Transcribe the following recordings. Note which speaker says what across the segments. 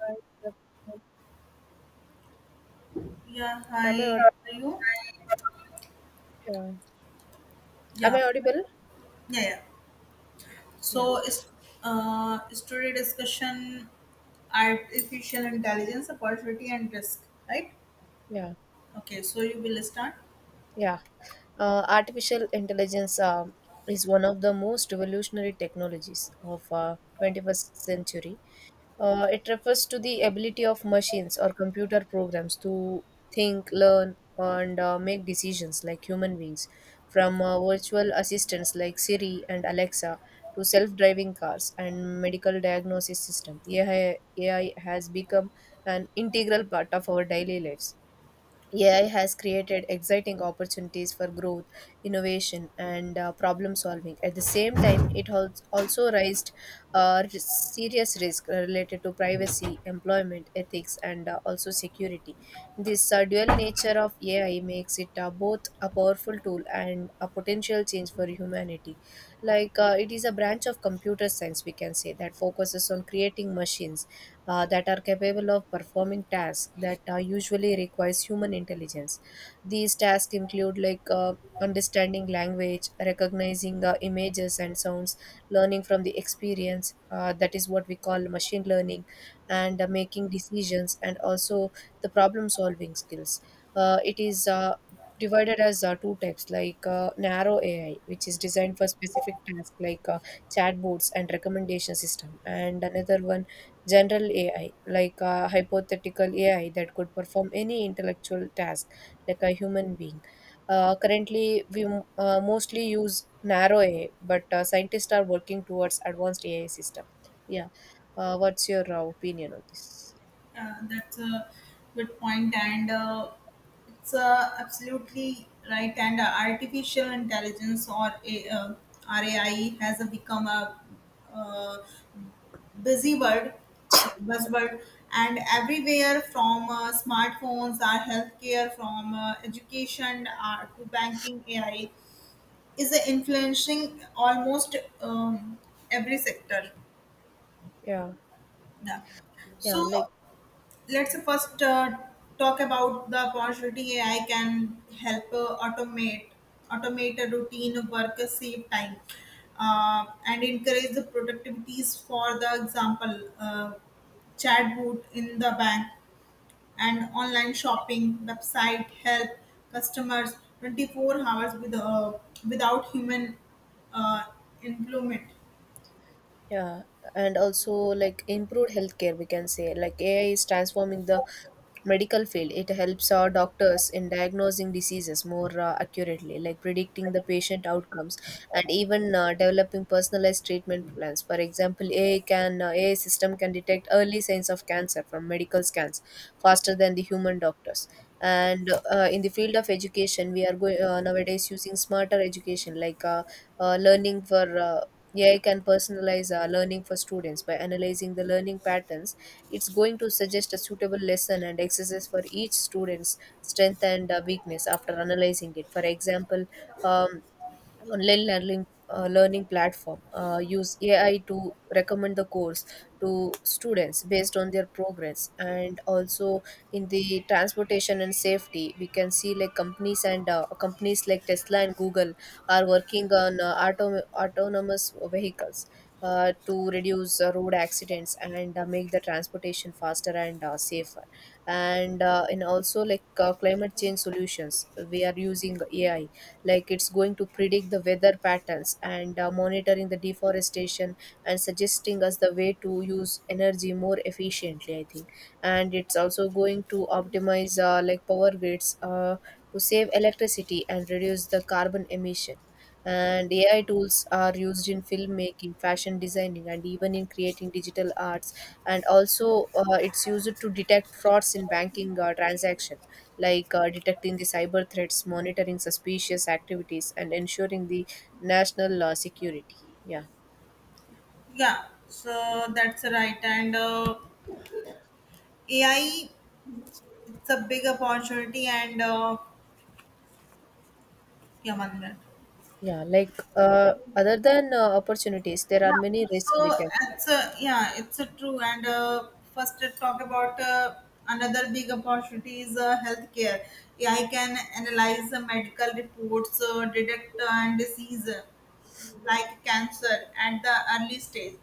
Speaker 1: Hi, good afternoon.
Speaker 2: Yeah,
Speaker 1: Am
Speaker 2: hi.
Speaker 1: I
Speaker 2: Are you?
Speaker 1: audible? Am
Speaker 2: Yeah,
Speaker 1: I audible?
Speaker 2: yeah, yeah.
Speaker 1: Yeah,
Speaker 2: So it's today discussion artificial intelligence opportunity and risk, right?
Speaker 1: yeah,
Speaker 2: Okay, so you will start.
Speaker 1: yeah. Artificial intelligence is one of the most revolutionary technologies of 21st century. It refers to the ability of machines or computer programs to think, learn, and make decisions like human beings, from virtual assistants like Siri and Alexa to self driving cars and medical diagnosis system. AI has become an integral part of our daily lives. AI has created exciting opportunities for growth, innovation, and problem solving. At the same time, it has also raised serious risks related to privacy, employment, ethics, and also security. This dual nature of AI makes it both a powerful tool and a potential change for humanity, like it is a branch of computer science, we can say, that focuses on creating machines that are capable of performing tasks that usually requires human intelligence. These tasks include understanding language, recognizing images and sounds, learning from the experience, that is what we call machine learning, and making decisions and also the problem solving skills. It is divided as two types, like narrow AI, which is designed for specific tasks like chatbots and recommendation system, and another one, general AI, like hypothetical AI that could perform any intellectual task like a human being. Currently, we mostly use narrow AI, but scientists are working towards advanced AI system. Yeah, what's your opinion on this?
Speaker 2: That's a good point, and it's absolutely right. And artificial intelligence or RAI has become a uh, busybird, so
Speaker 1: Sorry.
Speaker 2: buzzword, and everywhere from smartphones, our healthcare, from education to banking, AI is influencing almost um, every sector.
Speaker 1: Yeah,
Speaker 2: Yeah.
Speaker 1: yeah,
Speaker 2: So
Speaker 1: like
Speaker 2: let's first talk about the opportunity. AI can help automate a routine work, save time, and encourage the productivities. For the example, chatbot in the bank and online shopping website help customers 24 hours without human uh, employment.
Speaker 1: yeah, and also like improved healthcare, we can say. Like AI is transforming the medical field. It helps our doctors in diagnosing diseases more accurately, like predicting the patient outcomes and even developing personalized treatment plans. For example, AI system can detect early signs of cancer from medical scans faster than the human doctors. And in the field of education, we are going nowadays using smarter education, like learning for. AI can personalize learning for students by analyzing the learning patterns. It's going to suggest a suitable lesson and exercise for each student's strength and weakness after analyzing it. For example, um, online learning platform use AI to recommend the course to students based on their progress. And also, in the transportation and safety, we can see like companies like Tesla and Google are working on autonomous vehicles to reduce road accidents and make the transportation faster and safer. And also, like climate change solutions, we are using AI, like it's going to predict the weather patterns and monitoring the deforestation and suggesting us the way to use energy more efficiently, I think. And it's also going to optimize like power grids to save electricity and reduce the carbon emission. And AI tools are used in filmmaking, fashion designing, and even in creating digital arts. And also, it's used to detect frauds in banking transaction, like detecting the cyber threats, monitoring suspicious activities, and ensuring the national security. Yeah,
Speaker 2: Yeah, so that's right, and AI, it's a big opportunity, and yeah, one minute.
Speaker 1: yeah. Like other than opportunities, there are many
Speaker 2: Yeah,
Speaker 1: risks
Speaker 2: so
Speaker 1: we can
Speaker 2: it's a true, and first let's talk about another big opportunity is healthcare. AI can analyze the medical reports, detect and disease like cancer at the early stage,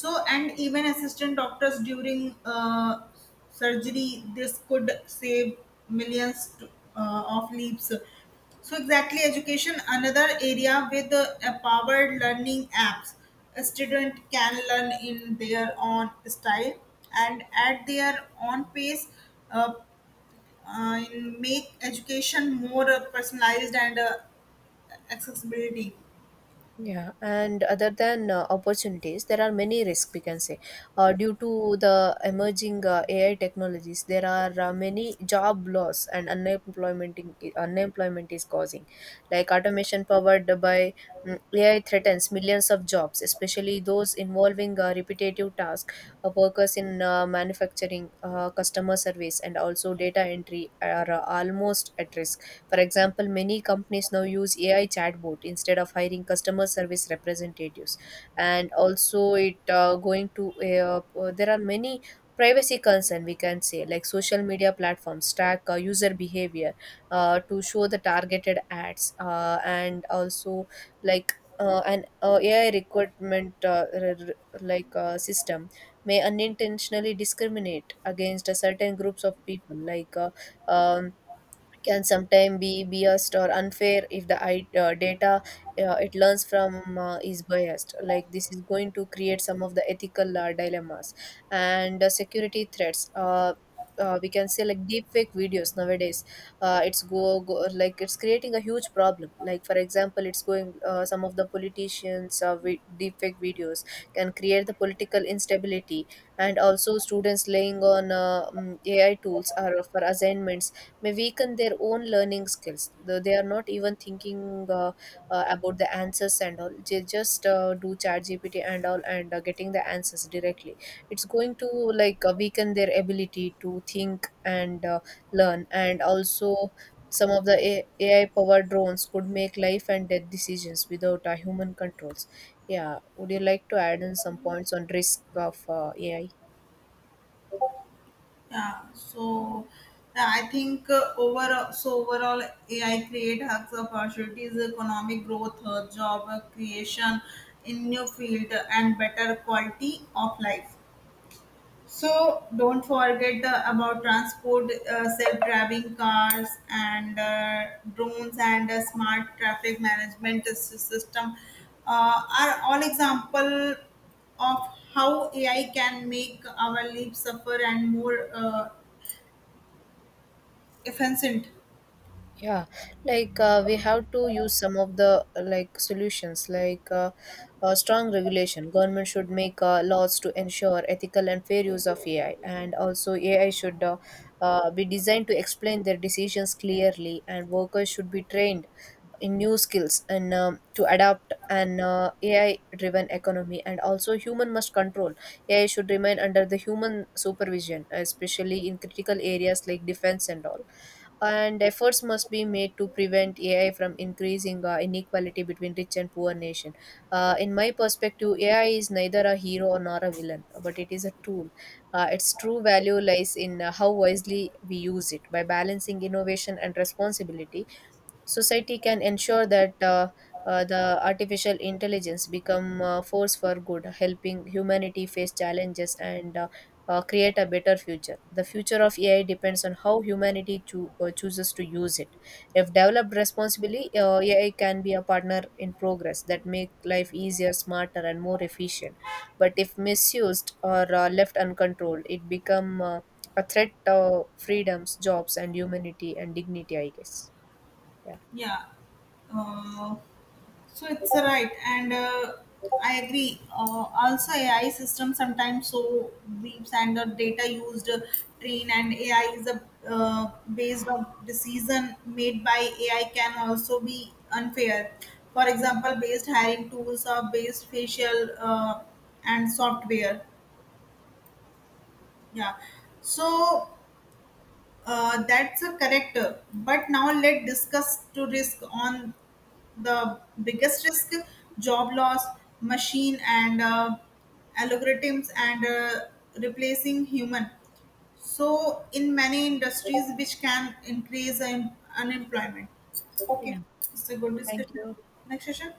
Speaker 2: so and even assistant doctors during surgery. This could save millions of lives. So, exactly, education, another area with empowered learning apps. A student can learn in their own style and at their own pace, uh, in make education more personalized and accessibility.
Speaker 1: yeah, and other than opportunities, there are many risks, we can say. Due to the emerging AI technologies, there are many job loss and unemployment is causing. Like automation powered by AI threatens millions of jobs, especially those involving repetitive tasks, workers in manufacturing, customer service, and also data entry are almost at risk. For example, many companies now use AI chatbot instead of hiring customer service representatives. And also, it going to there are many privacy concern, we can say, like social media platforms track user behavior to show the targeted ads and also like an AI recruitment system may unintentionally discriminate against a certain groups of people, um, can sometimes be biased or unfair if the data it learns from is biased. Like this is going to create some of the ethical dilemmas and security threats. We can say like deepfake videos nowadays, it's go, go like it's creating a huge problem. Like, for example, it's going some of the politicians with deepfake videos can create the political instability. And also, students laying on AI tools are for assignments may weaken their own learning skills. Though they are not even thinking about the answers and all. They just do chat GPT and all and getting the answers directly. It's going to weaken their ability to think and learn. And also, some of the AI powered drones could make life and death decisions without human controls. Yeah, would you like to add in some points on risk of AI?
Speaker 2: Yeah, so yeah, I think overall, AI create hubs of opportunities, economic growth, job creation in new field, and better quality of life. So don't forget about transport, self-driving cars, and drones, and smart traffic management system are all example of how AI can make our lives suffer and more efficient.
Speaker 1: Yeah, like we have to use some of the like solutions, like strong regulation. Government should make laws to ensure ethical and fair use of AI, and also AI should be designed to explain their decisions clearly, and workers should be trained in new skills and to adapt an AI driven economy. And also, human must control. AI should remain under the human supervision, especially in critical areas like defense and all. And efforts must be made to prevent AI from increasing inequality between rich and poor nation. In my perspective, AI is neither a hero nor a villain, but it is a tool. Its true value lies in how wisely we use it. By balancing innovation and responsibility, society can ensure that the artificial intelligence become a force for good, helping humanity face challenges and create a better future. The future of AI depends on how humanity chooses to use it. If developed responsibly, AI can be a partner in progress that make life easier, smarter and more efficient. But if misused or left uncontrolled, it become a threat to freedoms, jobs and humanity and dignity, I guess. Yeah.
Speaker 2: Yeah. Uh, so it's right, and I agree. Also, AI system sometimes so briefs, and the data used train and AI is a based on decision made by AI can also be unfair. For example, based hiring tools or based facial and software. Yeah. So that's a correct. But now let's discuss to risk on the biggest risk, job loss, machine and algorithms and replacing human, so in many industries, which can increase unemployment. Okay, it's a good
Speaker 1: Thank
Speaker 2: discussion.
Speaker 1: you.
Speaker 2: Next session.